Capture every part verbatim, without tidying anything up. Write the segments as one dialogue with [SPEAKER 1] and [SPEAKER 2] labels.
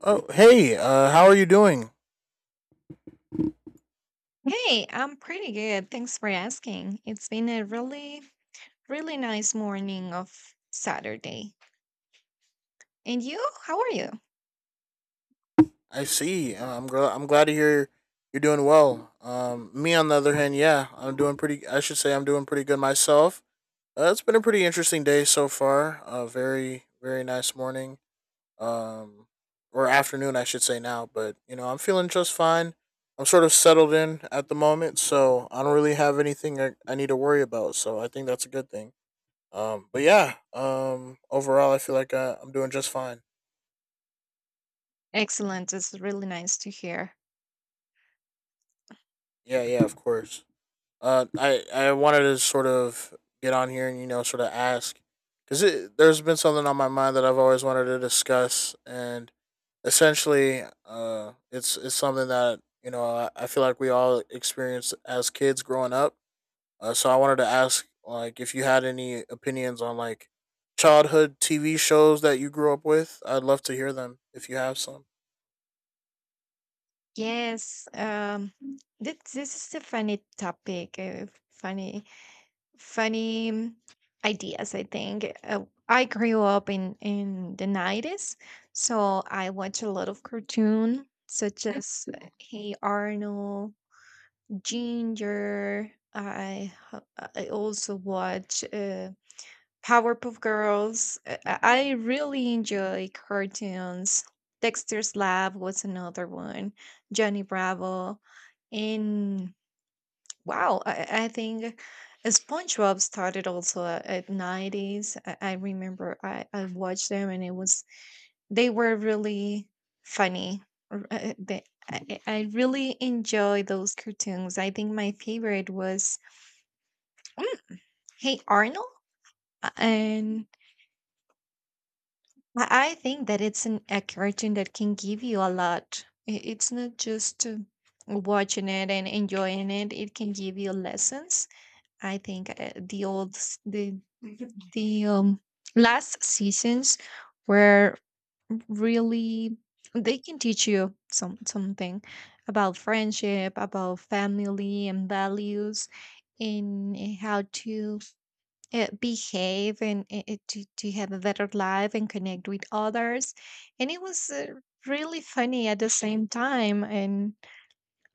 [SPEAKER 1] Oh, hey, uh, how are you doing?
[SPEAKER 2] Hey, I'm pretty good. Thanks for asking. It's been a really, really nice morning of Saturday. And you? How are you?
[SPEAKER 1] I see. Uh, I'm gl- I'm glad to hear you're doing well. Um, me on the other hand, yeah, I'm doing pretty. I should say I'm doing pretty good myself. Uh, it's been a pretty interesting day so far. Uh, very, very nice morning. Um, or afternoon, I should say now. But you know, I'm feeling just fine. I'm sort of settled in at the moment, so I don't really have anything I, I need to worry about. So I think that's a good thing. Um, but yeah, um, overall, I feel like I, I'm doing just fine.
[SPEAKER 2] Excellent. It's really nice to hear.
[SPEAKER 1] Yeah, yeah, of course. Uh, I I wanted to sort of get on here and you know sort of ask because there's been something on my mind that I've always wanted to discuss, and essentially, uh, it's it's something that you know I, I feel like we all experienced as kids growing up. Uh, so I wanted to ask like if you had any opinions on like childhood T V shows that you grew up with. I'd love to hear them if you have some.
[SPEAKER 2] Yes. Um, this, this is a funny topic. Uh, funny, funny mm, ideas, I think. Uh, I grew up in in the nineties, so I watch a lot of cartoon such as uh, Hey Arnold, Ginger. I ho- I also watch uh, Powerpuff Girls. uh, I, I really enjoy like cartoons. Dexter's Lab was another one. Johnny Bravo, and wow, I, I think SpongeBob started also a- at nineties. I, I remember I, I watched them and it was they were really funny. R- uh, they- I I- Really enjoy those cartoons. I think my favorite was Mm, Hey Arnold. Uh, and I I think that it's an, a cartoon that can give you a lot. I- It's not just uh, watching it and enjoying it. It can give you lessons. I think uh, the old s- the the um, last seasons were really, they can teach you some something about friendship, about family and values, and uh, how to uh, behave and uh, uh, to, to have a better life and connect with others. And it was uh, really funny at the same time. And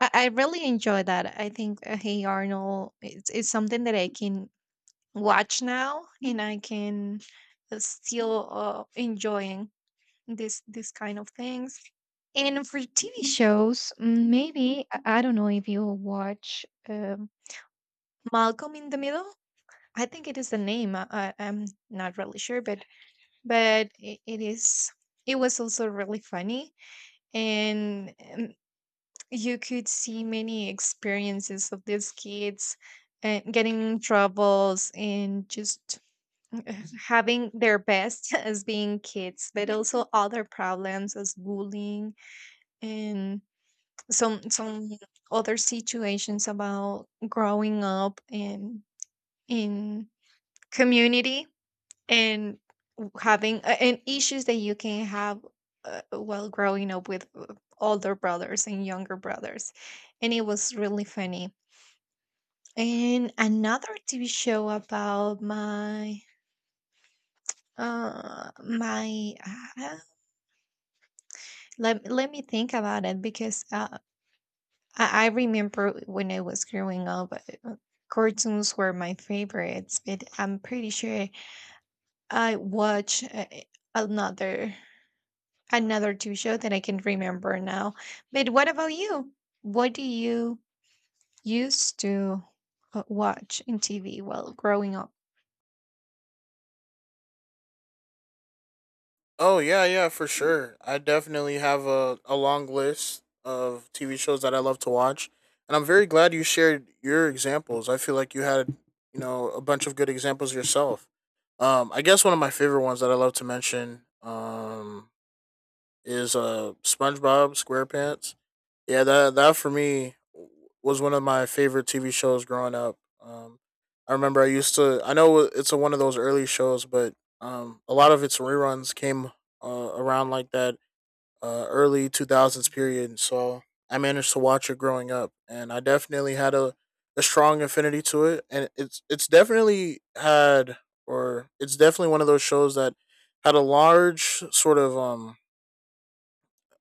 [SPEAKER 2] i, I really enjoy that. I think uh, Hey Arnold, it's, it's something that I can watch now and I can uh, still uh, enjoying this this kind of things. And for T V shows, mm, maybe I I don't know if you watch um, Malcolm in the Middle. I think it is the name. I, I, I'm not really sure, but but it, it is. It was also really funny, and um, you could see many experiences of these kids uh, getting in troubles and just uh, having their best as being kids, but also other problems as bullying, and some some other situations about growing up in in community, and having a- and issues that you can have uh, while growing up with uh, older brothers and younger brothers. And it was really funny. And another TV show about my uh my uh, let, let me think about it, because uh, I, I remember when I was growing up, uh, cartoons were my favorites, but I'm pretty sure I watch uh, another another T V show that I can remember now. But what about you? What do you used to uh, watch in T V while growing up?
[SPEAKER 1] Oh yeah, yeah, for sure. I definitely have a, a long list of T V shows that I love to watch. And I'm very glad you shared your examples. I feel like you had, you know, a bunch of good examples yourself. Um, I guess one of my favorite ones that I love to mention um, is uh, SpongeBob SquarePants. Yeah, that that for me was one of my favorite T V shows growing up. Um, I remember I used to. I know it's a, one of those early shows, but um, a lot of its reruns came uh, around like that uh, early two thousands period. So I managed to watch it growing up, and I definitely had a, a strong affinity to it. And it's it's definitely had, or it's definitely one of those shows that had a large sort of um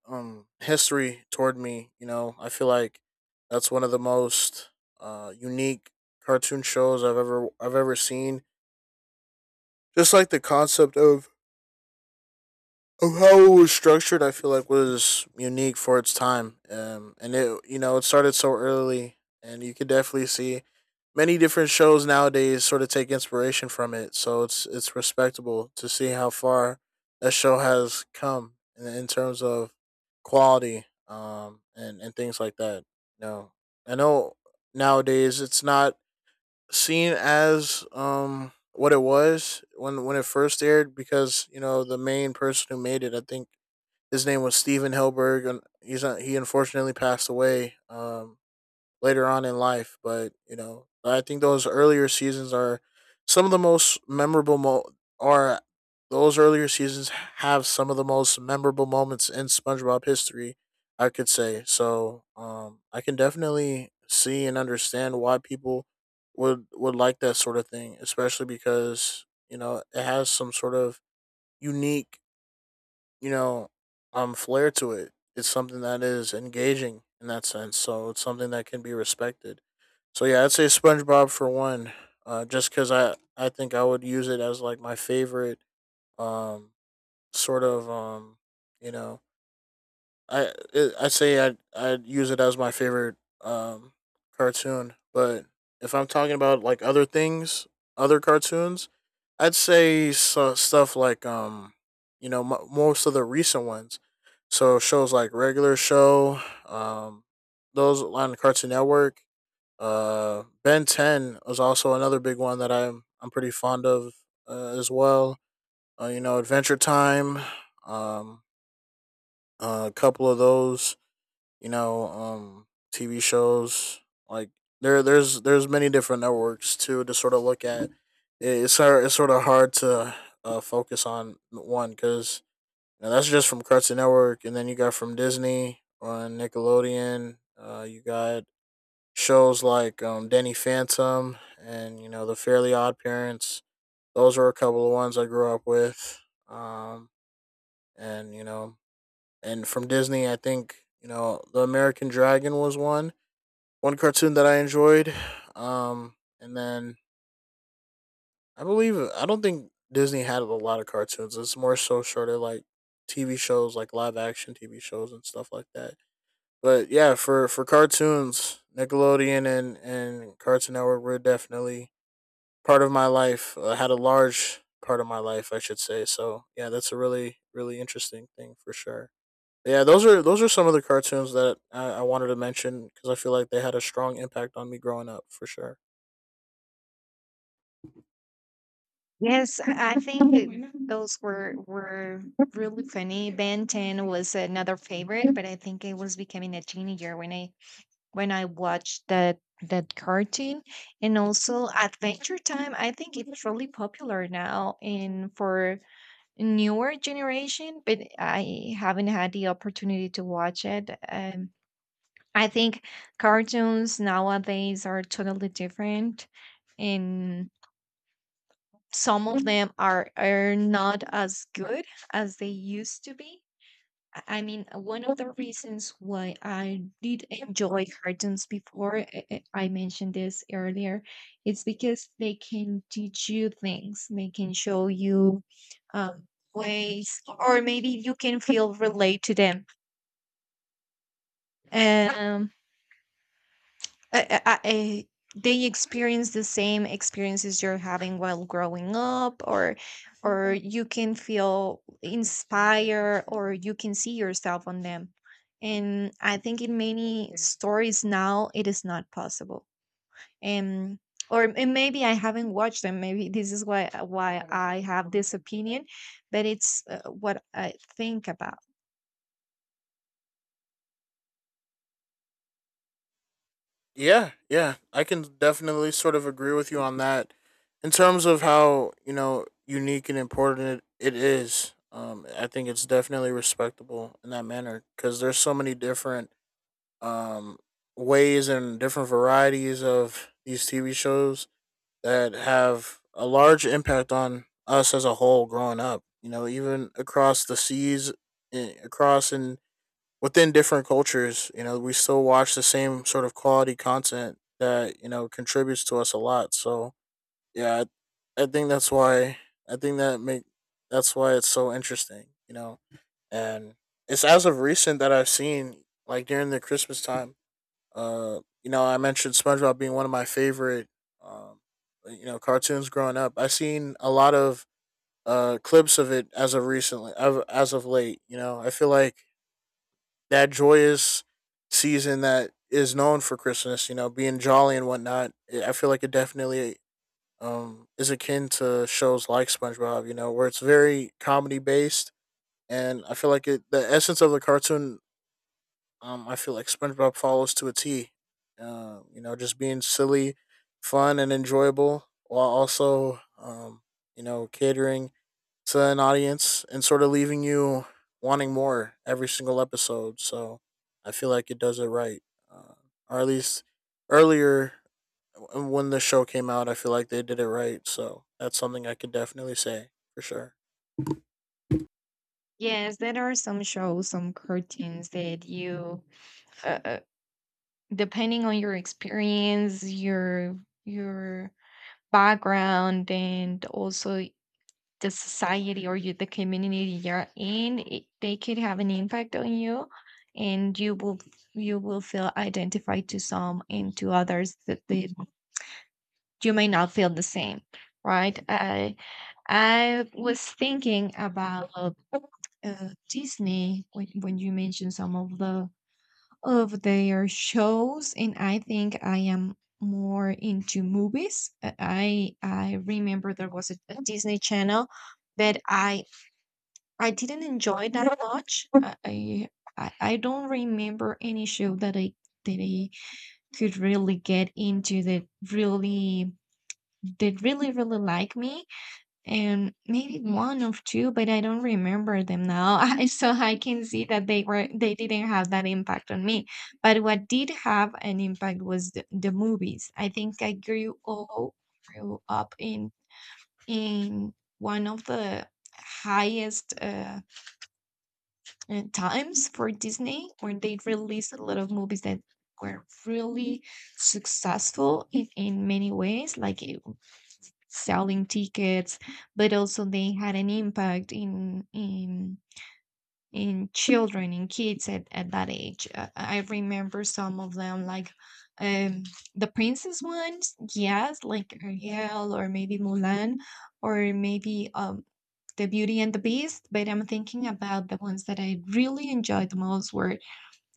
[SPEAKER 1] um history toward me. You know, I feel like that's one of the most uh unique cartoon shows I've ever I've ever seen. Just like the concept of of how it was structured, I feel like was unique for its time. Um, and it, you know, it started so early, and you could definitely see many different shows nowadays sort of take inspiration from it. So it's it's respectable to see how far that show has come in, in terms of quality, um, and and things like that. You know, I know nowadays it's not seen as um what it was when when it first aired because you know the main person who made it I think his name was Steven Hilberg and he's not, he unfortunately passed away um later on in life. But you know, I think those earlier seasons are some of the most memorable. Mo- are Those earlier seasons have some of the most memorable moments in SpongeBob history. I could say so. Um, I can definitely see and understand why people would would like that sort of thing, especially because you know it has some sort of unique you know, um, flair to it. It's something that is engaging in that sense. So it's something that can be respected. So yeah, I'd say SpongeBob for one, uh, just because I I think I would use it as like my favorite um sort of um you know I it, I say I I'd use it as my favorite um cartoon, but if I'm talking about like other things, other cartoons, I'd say so, stuff like um you know m- most of the recent ones. So shows like Regular Show, um those on Cartoon Network, uh Ben ten was also another big one that I'm I'm pretty fond of uh, as well. Uh, you know Adventure Time, um uh, a couple of those you know, um, T V shows. Like there, there's there's many different networks too to sort of look at. It- It's sort it's sort of hard to uh, focus on one because that's just from Cartoon Network, and then you got from Disney on Nickelodeon. Uh, you got shows like um, Danny Phantom and you know the Fairly Odd Parents. Those were a couple of ones I grew up with. Um, and you know, and from Disney, I think you know the American Dragon was one one cartoon that I enjoyed. Um, and then I believe I don't think Disney had a lot of cartoons. It's more so sort of like T V shows, like live action T V shows and stuff like that. But yeah, for for cartoons, Nickelodeon and and Cartoon Network were definitely part of my life. Uh, had a large part of my life, I should say. So yeah, that's a really really interesting thing for sure. Yeah, those are those are some of the cartoons that I, I wanted to mention because I feel like they had a strong impact on me growing up for sure.
[SPEAKER 2] Yes, I I think that those were were really funny. Ben ten was another favorite, but I think I was becoming a teenager when I when I watched that that cartoon. And also Adventure Time. I think it's really popular now in for newer generation, but I haven't had the opportunity to watch it. Um, I think cartoons nowadays are totally different, and some of them are are not as good as they used to be. I I mean, uh, one of the reasons why I did enjoy cartoons before, I I- I mentioned this earlier, it's because they can teach you things. They can show you um, ways, or maybe you can feel relate to them. Um, I, I, I, they experience the same experiences you're having while growing up, or or you can feel inspired, or you can see yourself on them. And I think in many stories now it is not possible. And or and maybe I haven't watched them, maybe this is why why I have this opinion, but it's uh, what I think about.
[SPEAKER 1] Yeah, yeah, I can definitely sort of agree with you on that. In terms of how you know unique and important it, it is, um, I think it's definitely respectable in that manner because there's so many different um ways and different varieties of these T V shows that have a large impact on us as a whole growing up. You know, even across the seas, eh, across and within different cultures, you know, we still watch the same sort of quality content that, you know, contributes to us a lot. So, yeah, I, I think that's why I think that make that's why it's so interesting, you know. And it's as of recent that I've seen like during the Christmas time, uh, you know, I mentioned SpongeBob being one of my favorite um, you know, cartoons growing up. I've seen a lot of uh clips of it as of recently of- as of late, you know. I feel like that joyous season that is known for Christmas, you know, being jolly and whatnot. eh, I feel like it definitely um, is akin to shows like SpongeBob, you know, where it's very comedy based, and I feel like it the essence of the cartoon. Um, I feel like SpongeBob follows to a T. Um, you know, just being silly, fun, and enjoyable, while also um, you know catering to an audience and sort of leaving you wanting more every single episode. So I feel like it does it right, uh, or at least earlier when the show came out, I feel like they did it right. So that's something I could definitely say for sure.
[SPEAKER 2] Yes, there are some shows, some cartoons that you, uh, depending on your experience, your your background, and also the society, or you, the community you're in, it, they could have an impact on you, and you will you will feel identified to some, and to others that they, you may not feel the same, right? I I was thinking about uh, Disney when when you mentioned some of the of their shows, and I think I am more into movies. Uh, I I remember there was a, a Disney Channel that I I didn't enjoy that much. I I I I don't remember any show that I that I could really get into that really that really really like me, and maybe one of two, but I don't remember them now. I, so I can see that they were they didn't have that impact on me. But what did have an impact was the, the movies. I think I grew all grew up in in one of the highest uh, uh, times for Disney, where they released a lot of movies that were really successful in, in many ways, like it selling tickets, but also they had an impact in in in children, in kids at, at that age. Uh, I remember some of them like um the princess ones, yes, like Ariel, or maybe Mulan, or maybe um the Beauty and the Beast. But I'm thinking about the ones that I really enjoyed the most were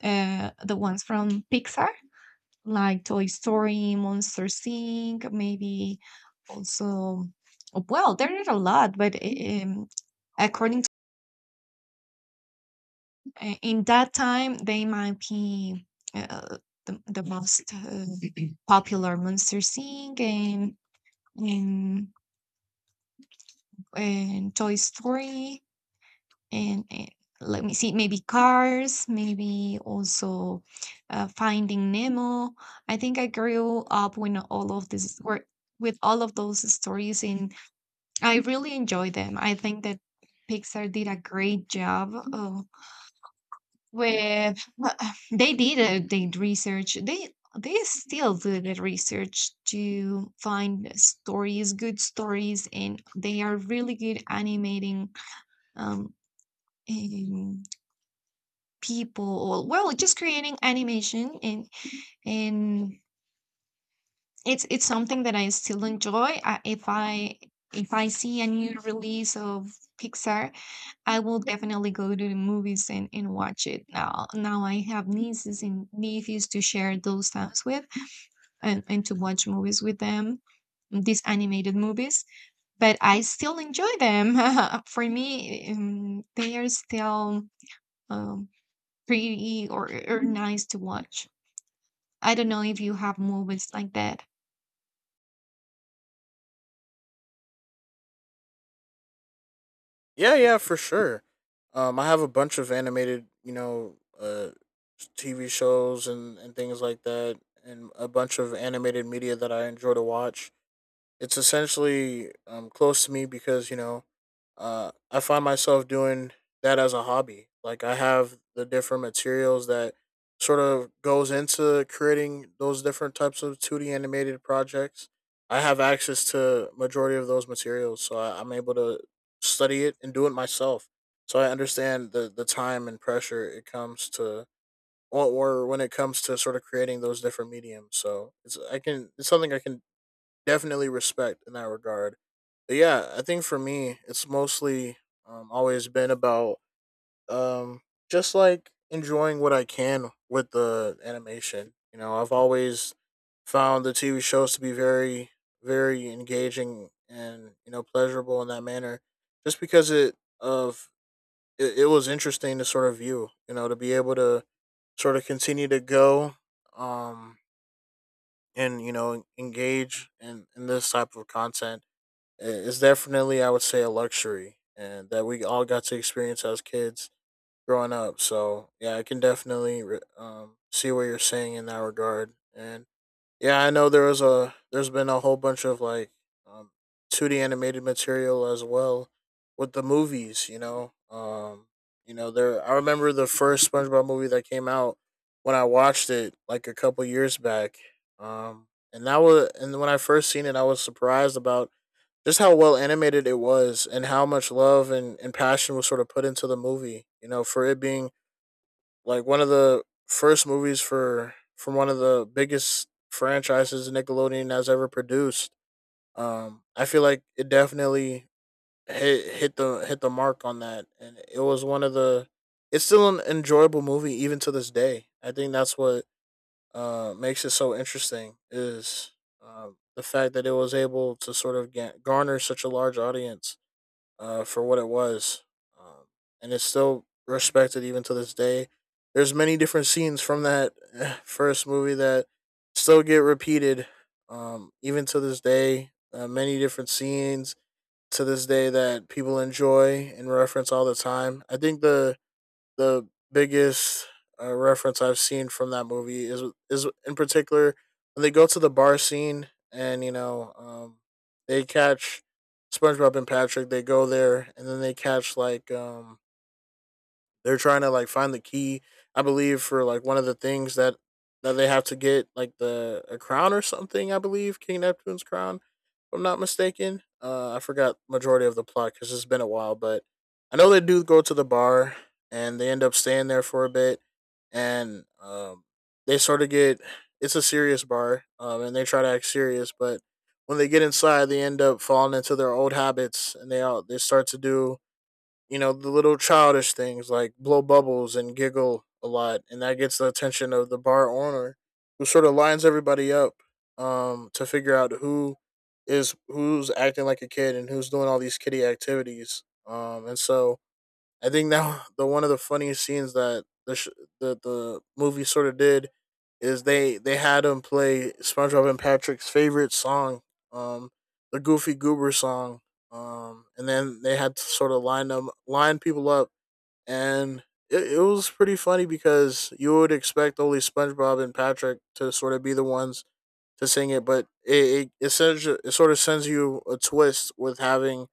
[SPEAKER 2] uh, the ones from Pixar, like Toy Story, Monster Inc, maybe also. Well, there are a lot, but um, according to uh, in that time, they might be uh, the, the most uh, popular, Monster Inc and and and Toy Story. and, and let me see, maybe Cars, maybe also uh, Finding Nemo. I think I grew up when all of this were with all of those stories, and I really enjoy them. I think that Pixar did a great job, uh, with they did a, they research, they they still do the research to find stories, good stories, and they are really good animating um, people, or well, just creating animation. And and it's it's something that I still enjoy. I, if I if i see a new release of Pixar, I will definitely go to the movies and, and watch it. Now now I have nieces and nephews to share those times with, and, and to watch movies with them, these animated movies. But I still enjoy them. For me, um, they are still um, pretty, or, or nice to watch. I don't know if you have movies like that.
[SPEAKER 1] Yeah, yeah, for sure. Um, I have a bunch of animated, you know, uh, T V shows and, and things like that, and a bunch of animated media that I enjoy to watch. It's essentially um, close to me because you know uh, I find myself doing that as a hobby. Like I have the different materials that sort of goes into creating those different types of two D animated projects. I have access to majority of those materials, so I, I'm able to study it and do it myself. So I understand the the time and pressure it comes to or, or when it comes to sort of creating those different mediums. So it's I can it's something I can definitely respect in that regard. But yeah, I think for me, it's mostly um, always been about um, just like enjoying what I can with the animation. You know, I've always found the T V shows to be very, very engaging and you know pleasurable in that manner, just because it of it, it was interesting to sort of view. You know, to be able to sort of continue to go um, and you know engage in in this type of content it's definitely I would say a luxury and that we all got to experience as kids growing up. So yeah, I can definitely re- um, see what you're saying in that regard. And yeah, I know there was a there's been a whole bunch of like um, two D animated material as well with the movies. You know, um, you know there. I remember the first SpongeBob movie that came out when I watched it like a couple years back. Um, and that was and when I first seen it, I was surprised about just how well animated it was and how much love and, and passion was sort of put into the movie, you know, for it being like one of the first movies for from one of the biggest franchises Nickelodeon has ever produced. um I feel like it definitely hit hit the hit the mark on that, and it was one of the it's still an enjoyable movie even to this day. I think that's what uh makes it so interesting is um, the fact that it was able to sort of ga- garner such a large audience uh, for what it was, um, and it's still respected even to this day. There's many different scenes from that eh, first movie that still get repeated, um, even to this day. Uh, many different scenes to this day that people enjoy and reference all the time. I think the the biggest uh, reference I've seen from that movie is is in particular when they go to the bar scene, and you know um, they catch SpongeBob and Patrick. They go there and then they catch like um, they're trying to like find the key, I believe, for like one of the things that that they have to get like the a crown or something. I believe King Neptune's crown, if I'm not mistaken. Uh, I forgot majority of the plot because it's been a while, but I know they do go to the bar and they end up staying there for a bit, and um, they sort of get it's a serious bar, um, and they try to act serious, but when they get inside, they end up falling into their old habits, and they all they start to do, you know, the little childish things like blow bubbles and giggle a lot, and that gets the attention of the bar owner who sort of lines everybody up um to figure out who is who's acting like a kid and who's doing all these kiddie activities. Um and so I think now the one of the funniest scenes that the sh- that the movie sort of did is they they had him play SpongeBob and Patrick's favorite song, um, the Goofy Goober song, um, and then they had to sort of line them line people up, and it, it was pretty funny because you would expect only SpongeBob and Patrick to sort of be the ones to sing it, but it it, it, sends, you- it sort of sends you a twist with having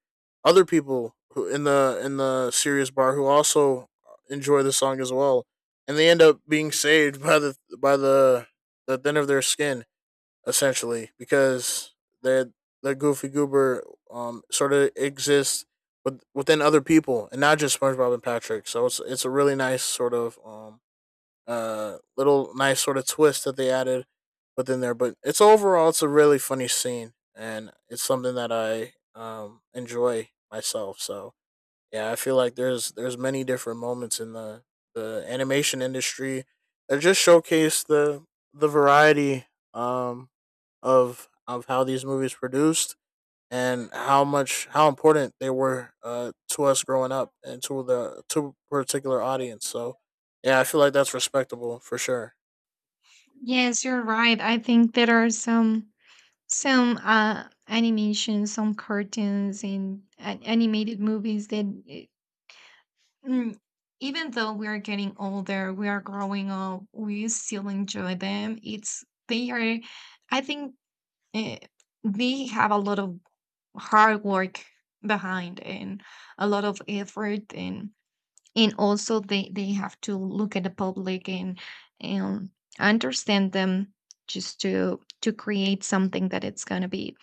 [SPEAKER 1] other people who in the in the serious bar who also enjoy the song as well, and they end up being saved by the by the the thin of their skin essentially because they the Goofy Goober um sort of exists with, within other people and not just SpongeBob and Patrick. So it's it's a really nice sort of um uh little nice sort of twist that they added within there. But it's overall it's a really funny scene, and it's something that I um enjoy myself. So yeah, I feel like there's there's many different moments in the the animation industry that just showcase the the variety um of of how these movies produced and how much how important they were, uh, to us growing up, and to the to a particular audience. So yeah, I feel like that's respectable for sure.
[SPEAKER 2] Yes, you're right. I think there are some some uh animations, some cartoons and an- animated movies that, uh, mm, even though we are getting older, we are growing up, we still enjoy them. It's They are, I think, uh, they have a lot of hard work behind, and a lot of effort, and and also they they have to look at the public and and understand them, just to to create something that it's going to be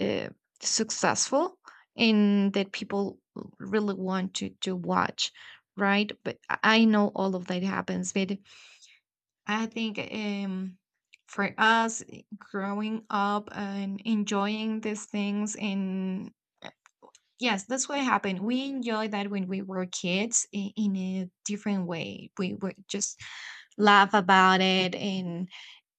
[SPEAKER 2] uh, successful, and that people really want to to watch, right? But i I know all of that happens, but I think um for us growing up and enjoying these things. And yes, that's what happened. We enjoyed that when we were kids in, in a different way. We would just laugh about it, and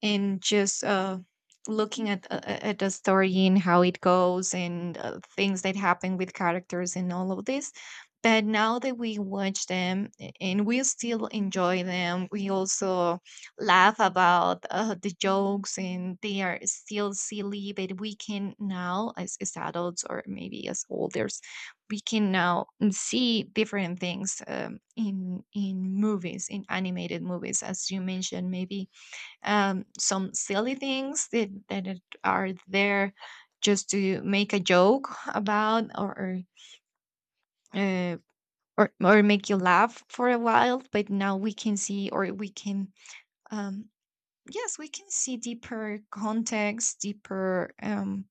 [SPEAKER 2] and just uh, looking at uh, at the story and how it goes, and uh, things that happen with characters and all of this. But now that we watch them a- and we still enjoy them, we also laugh about uh, the jokes, and they are still silly. But we can now, as, as adults, or maybe as olders, we can now see different things um, in in movies, in animated movies, as you mentioned. Maybe um, some silly things that, that it- are there just to make a joke about, or or, uh, or or make you laugh for a while. But now we can see, or we can um, yes, we can see deeper context, deeper um,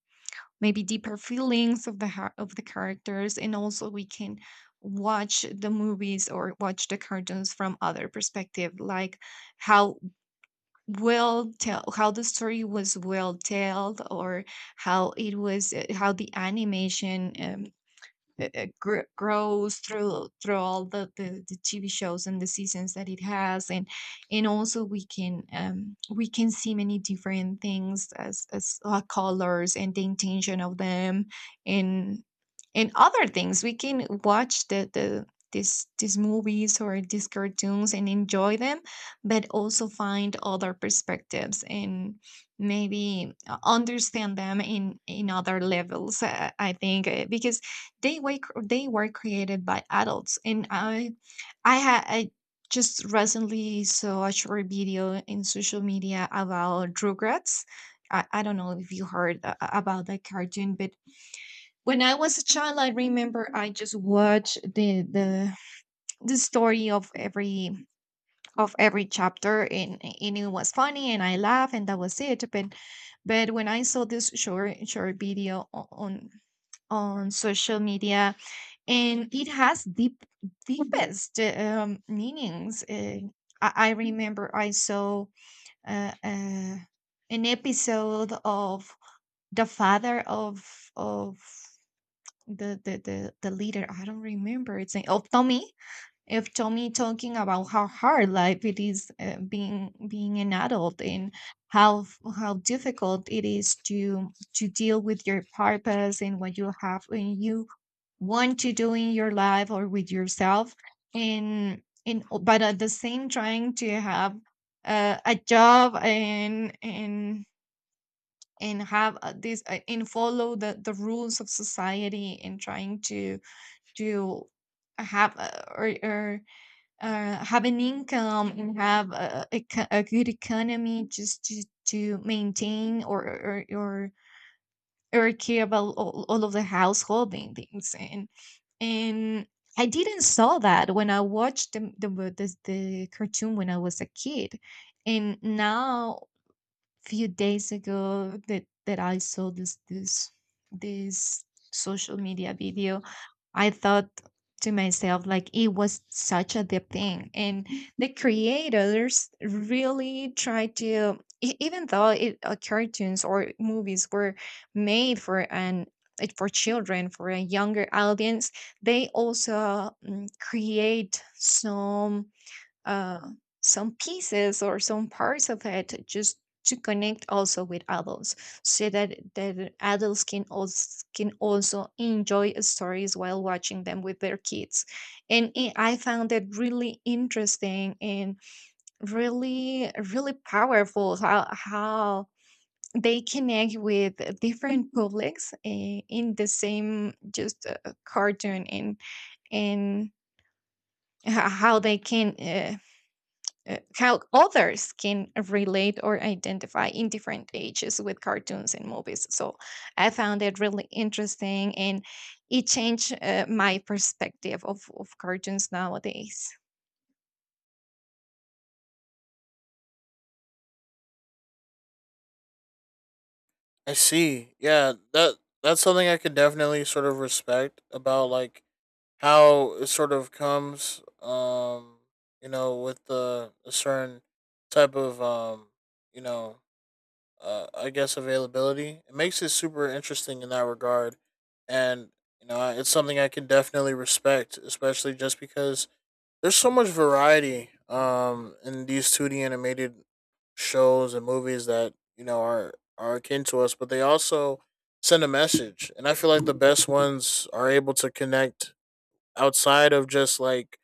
[SPEAKER 2] maybe deeper feelings of the har- of the characters. And also we can watch the movies, or watch the cartoons from other perspective, like how well tell how the story was well told, or how it was, uh, how the animation um, it, it gr- grows through through all the, the the T V shows and the seasons that it has. And and also we can um, we can see many different things, as as uh, colors and the intention of them, and and other things. We can watch the the these these movies or these cartoons and enjoy them, but also find other perspectives, and maybe uh, understand them in in other levels. Uh, I think uh, because they were they were created by adults. And I I had I just recently saw a short video in social media about Rugrats. i, I don't know if you heard a- a- about that cartoon, but when I was a child, I remember I just watched the the the story of every of every chapter, and and it was funny and I laughed and that was it. But but when I saw this short short video o- on on social media, and it has deep deepest um, meanings. Uh, I, I remember I saw uh, uh, an episode of the father of of the, the the the leader. I don't remember its name, of Tommy. Of Tommy talking about how hard life it is, uh, being being an adult, and how f- how difficult it is to to deal with your purpose, and what you have in you, want to do in your life or with yourself. And in, but at the same, trying to have uh, a job, and and and have, uh, this uh, and follow the the rules of society, and trying to to have, uh, or, or uh, have an income, and have a, a, eco- a good economy, just to to maintain, or or or, or care about all, all of the household things. And and I didn't saw that when I watched the the the, the cartoon when I was a kid. And now, few days ago, that that I saw this this this social media video, I thought to myself like it was such a deep thing. And the creators really tried to, e- even though it uh, cartoons or movies were made for an, it- for children, for a younger audience, they also mm, create some uh, some pieces or some parts of it just to connect also with adults, so that that adults can also can also enjoy stories while watching them with their kids. And i I found it really interesting, and really really powerful, how how they connect with different publics, eh, in the same just uh, cartoon. And and h- how they can uh, uh, how others can relate or identify in different ages with cartoons and movies. So I found it really interesting, and it changed uh, my perspective of, of cartoons nowadays.
[SPEAKER 1] I see. Yeah, that that's something I could definitely sort of respect about, like, how it sort of comes um you know with the a certain type of um you know uh, I guess availability. It makes it super interesting in that regard, and you know it's something I can definitely respect, especially just because there's so much variety um in these two D animated shows and movies that, you know, are are akin to us, but they also send a message. And I feel like the best ones are able to connect outside of just like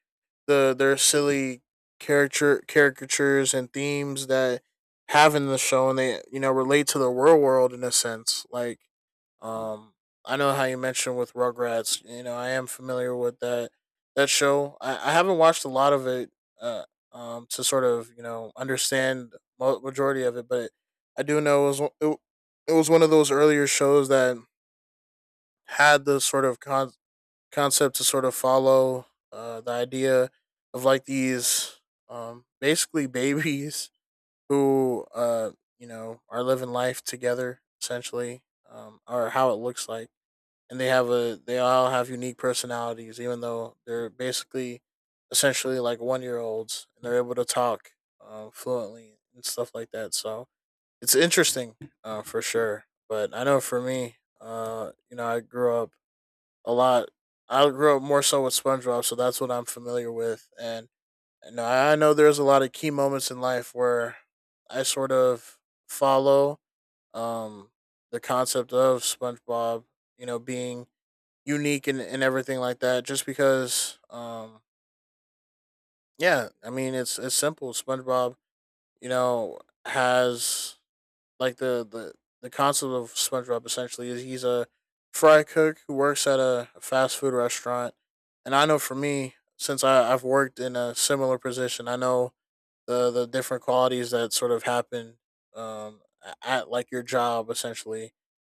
[SPEAKER 1] the their silly character caricatures and themes that have in the show, and they, you know, relate to the real world in a sense, like um I know how you mentioned with Rugrats. You know, I am familiar with that that show. i, I haven't watched a lot of it, uh, um to sort of you know understand mo- majority of it, but I do know it was it, it was one of those earlier shows that had the sort of con- concept to sort of follow uh, the idea of like these um, basically babies who uh, you know are living life together essentially, um, or how it looks like, and they have a they all have unique personalities even though they're basically essentially like one year olds and they're able to talk uh, fluently and stuff like that. So it's interesting uh, for sure. But I know for me, uh, you know, I grew up a lot. I grew up more so with SpongeBob, so that's what I'm familiar with. And you know, I I know there's a lot of key moments in life where I sort of follow um, the concept of SpongeBob, you know, being unique, and, and everything like that. Just because, um, yeah, I mean, it's it's simple. SpongeBob, you know, has like the the the concept of SpongeBob essentially is he's a fry cook who works at a a fast food restaurant. And I know for me, since I, I've worked in a similar position, I know the the different qualities that sort of happen um, at like your job essentially,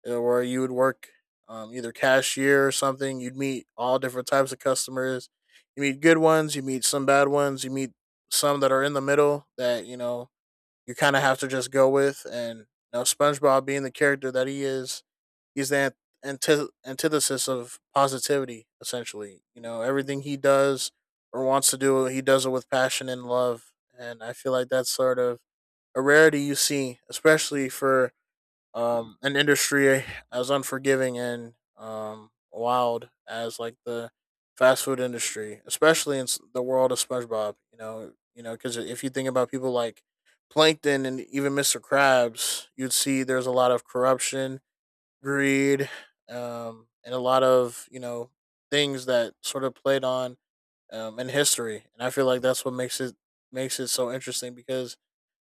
[SPEAKER 1] uh, where you would work um, either cashier or something. You'd meet all different types of customers. You meet good ones, you meet some bad ones, you meet some that are in the middle that you know you kind of have to just go with. And you know, SpongeBob being the character that he is, he's the antith- antithesis of positivity. Essentially, you know, everything he does or wants to do, he does it with passion and love. And I feel like that's sort of a rarity you see, especially for um, an industry as unforgiving and um, wild as like the fast food industry, especially in s- the world of SpongeBob. You know, you know, because if you think about people like Plankton and even mister Krabs, you'd see there's a lot of corruption, greed, um, and a lot of, you know, things that sort of played on um, in history. And I feel like that's what makes it makes it so interesting, because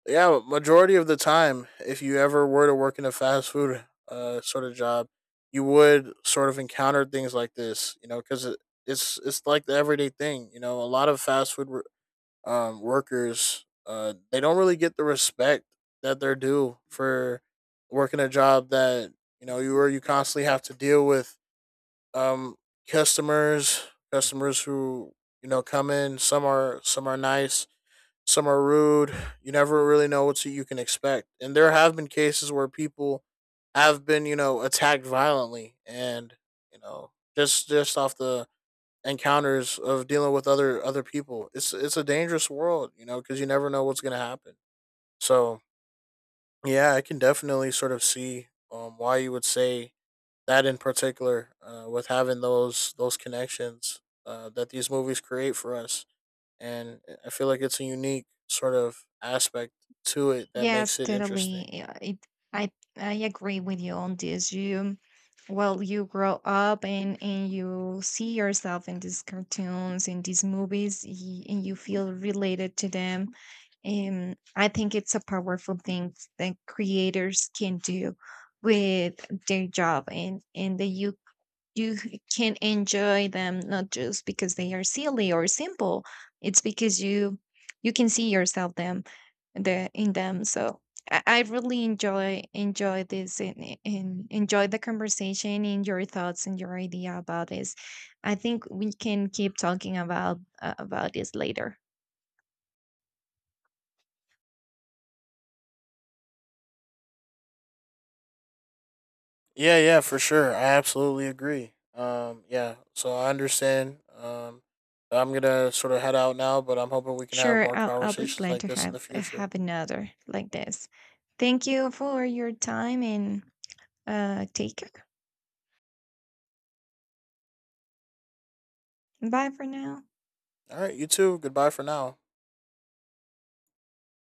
[SPEAKER 1] yeah, majority of the time, if you ever were to work in a fast food uh, sort of job, you would sort of encounter things like this, you know, because it, it's it's like the everyday thing. You know, a lot of fast food wor- um, workers, uh, they don't really get the respect that they're due for working a job that you know you where you constantly have to deal with um, customers, customers who you know come in. Some are some are nice, some are rude. You never really know what you can expect. And there have been cases where people have been, you know, attacked violently, and, you know, just just off the encounters of dealing with other other people. It's it's a dangerous world, you know, because you never know what's going to happen. So, yeah, I can definitely sort of see um why you would say that in particular, uh, with having those those connections, uh, that these movies create for us. And I feel like it's a unique sort of aspect to it that
[SPEAKER 2] Yes,
[SPEAKER 1] makes it interesting.
[SPEAKER 2] totally. Uh, It, I I agree with you on this. You, well, you grow up, and and you see yourself in these cartoons, in these movies, y- and you feel related to them. And I think it's a powerful thing that creators can do with their job. And and that you you can enjoy them not just because they are silly or simple. It's because you you can see yourself them the in them. So I, I really enjoy enjoy this, and, and enjoy the conversation and your thoughts and your idea about this. I think we can keep talking about uh, about this later.
[SPEAKER 1] Yeah, yeah, for sure. I absolutely agree. Um, yeah, so I understand. Um, I'm gonna sort of head out now, but I'm hoping we can have
[SPEAKER 2] Sure,
[SPEAKER 1] more
[SPEAKER 2] I'll I'll be
[SPEAKER 1] conversations
[SPEAKER 2] glad
[SPEAKER 1] like
[SPEAKER 2] to
[SPEAKER 1] this in
[SPEAKER 2] have
[SPEAKER 1] the future.
[SPEAKER 2] have another like this. Thank you for your time, and Uh, take care. Bye for now.
[SPEAKER 1] All right, you too. Goodbye for now.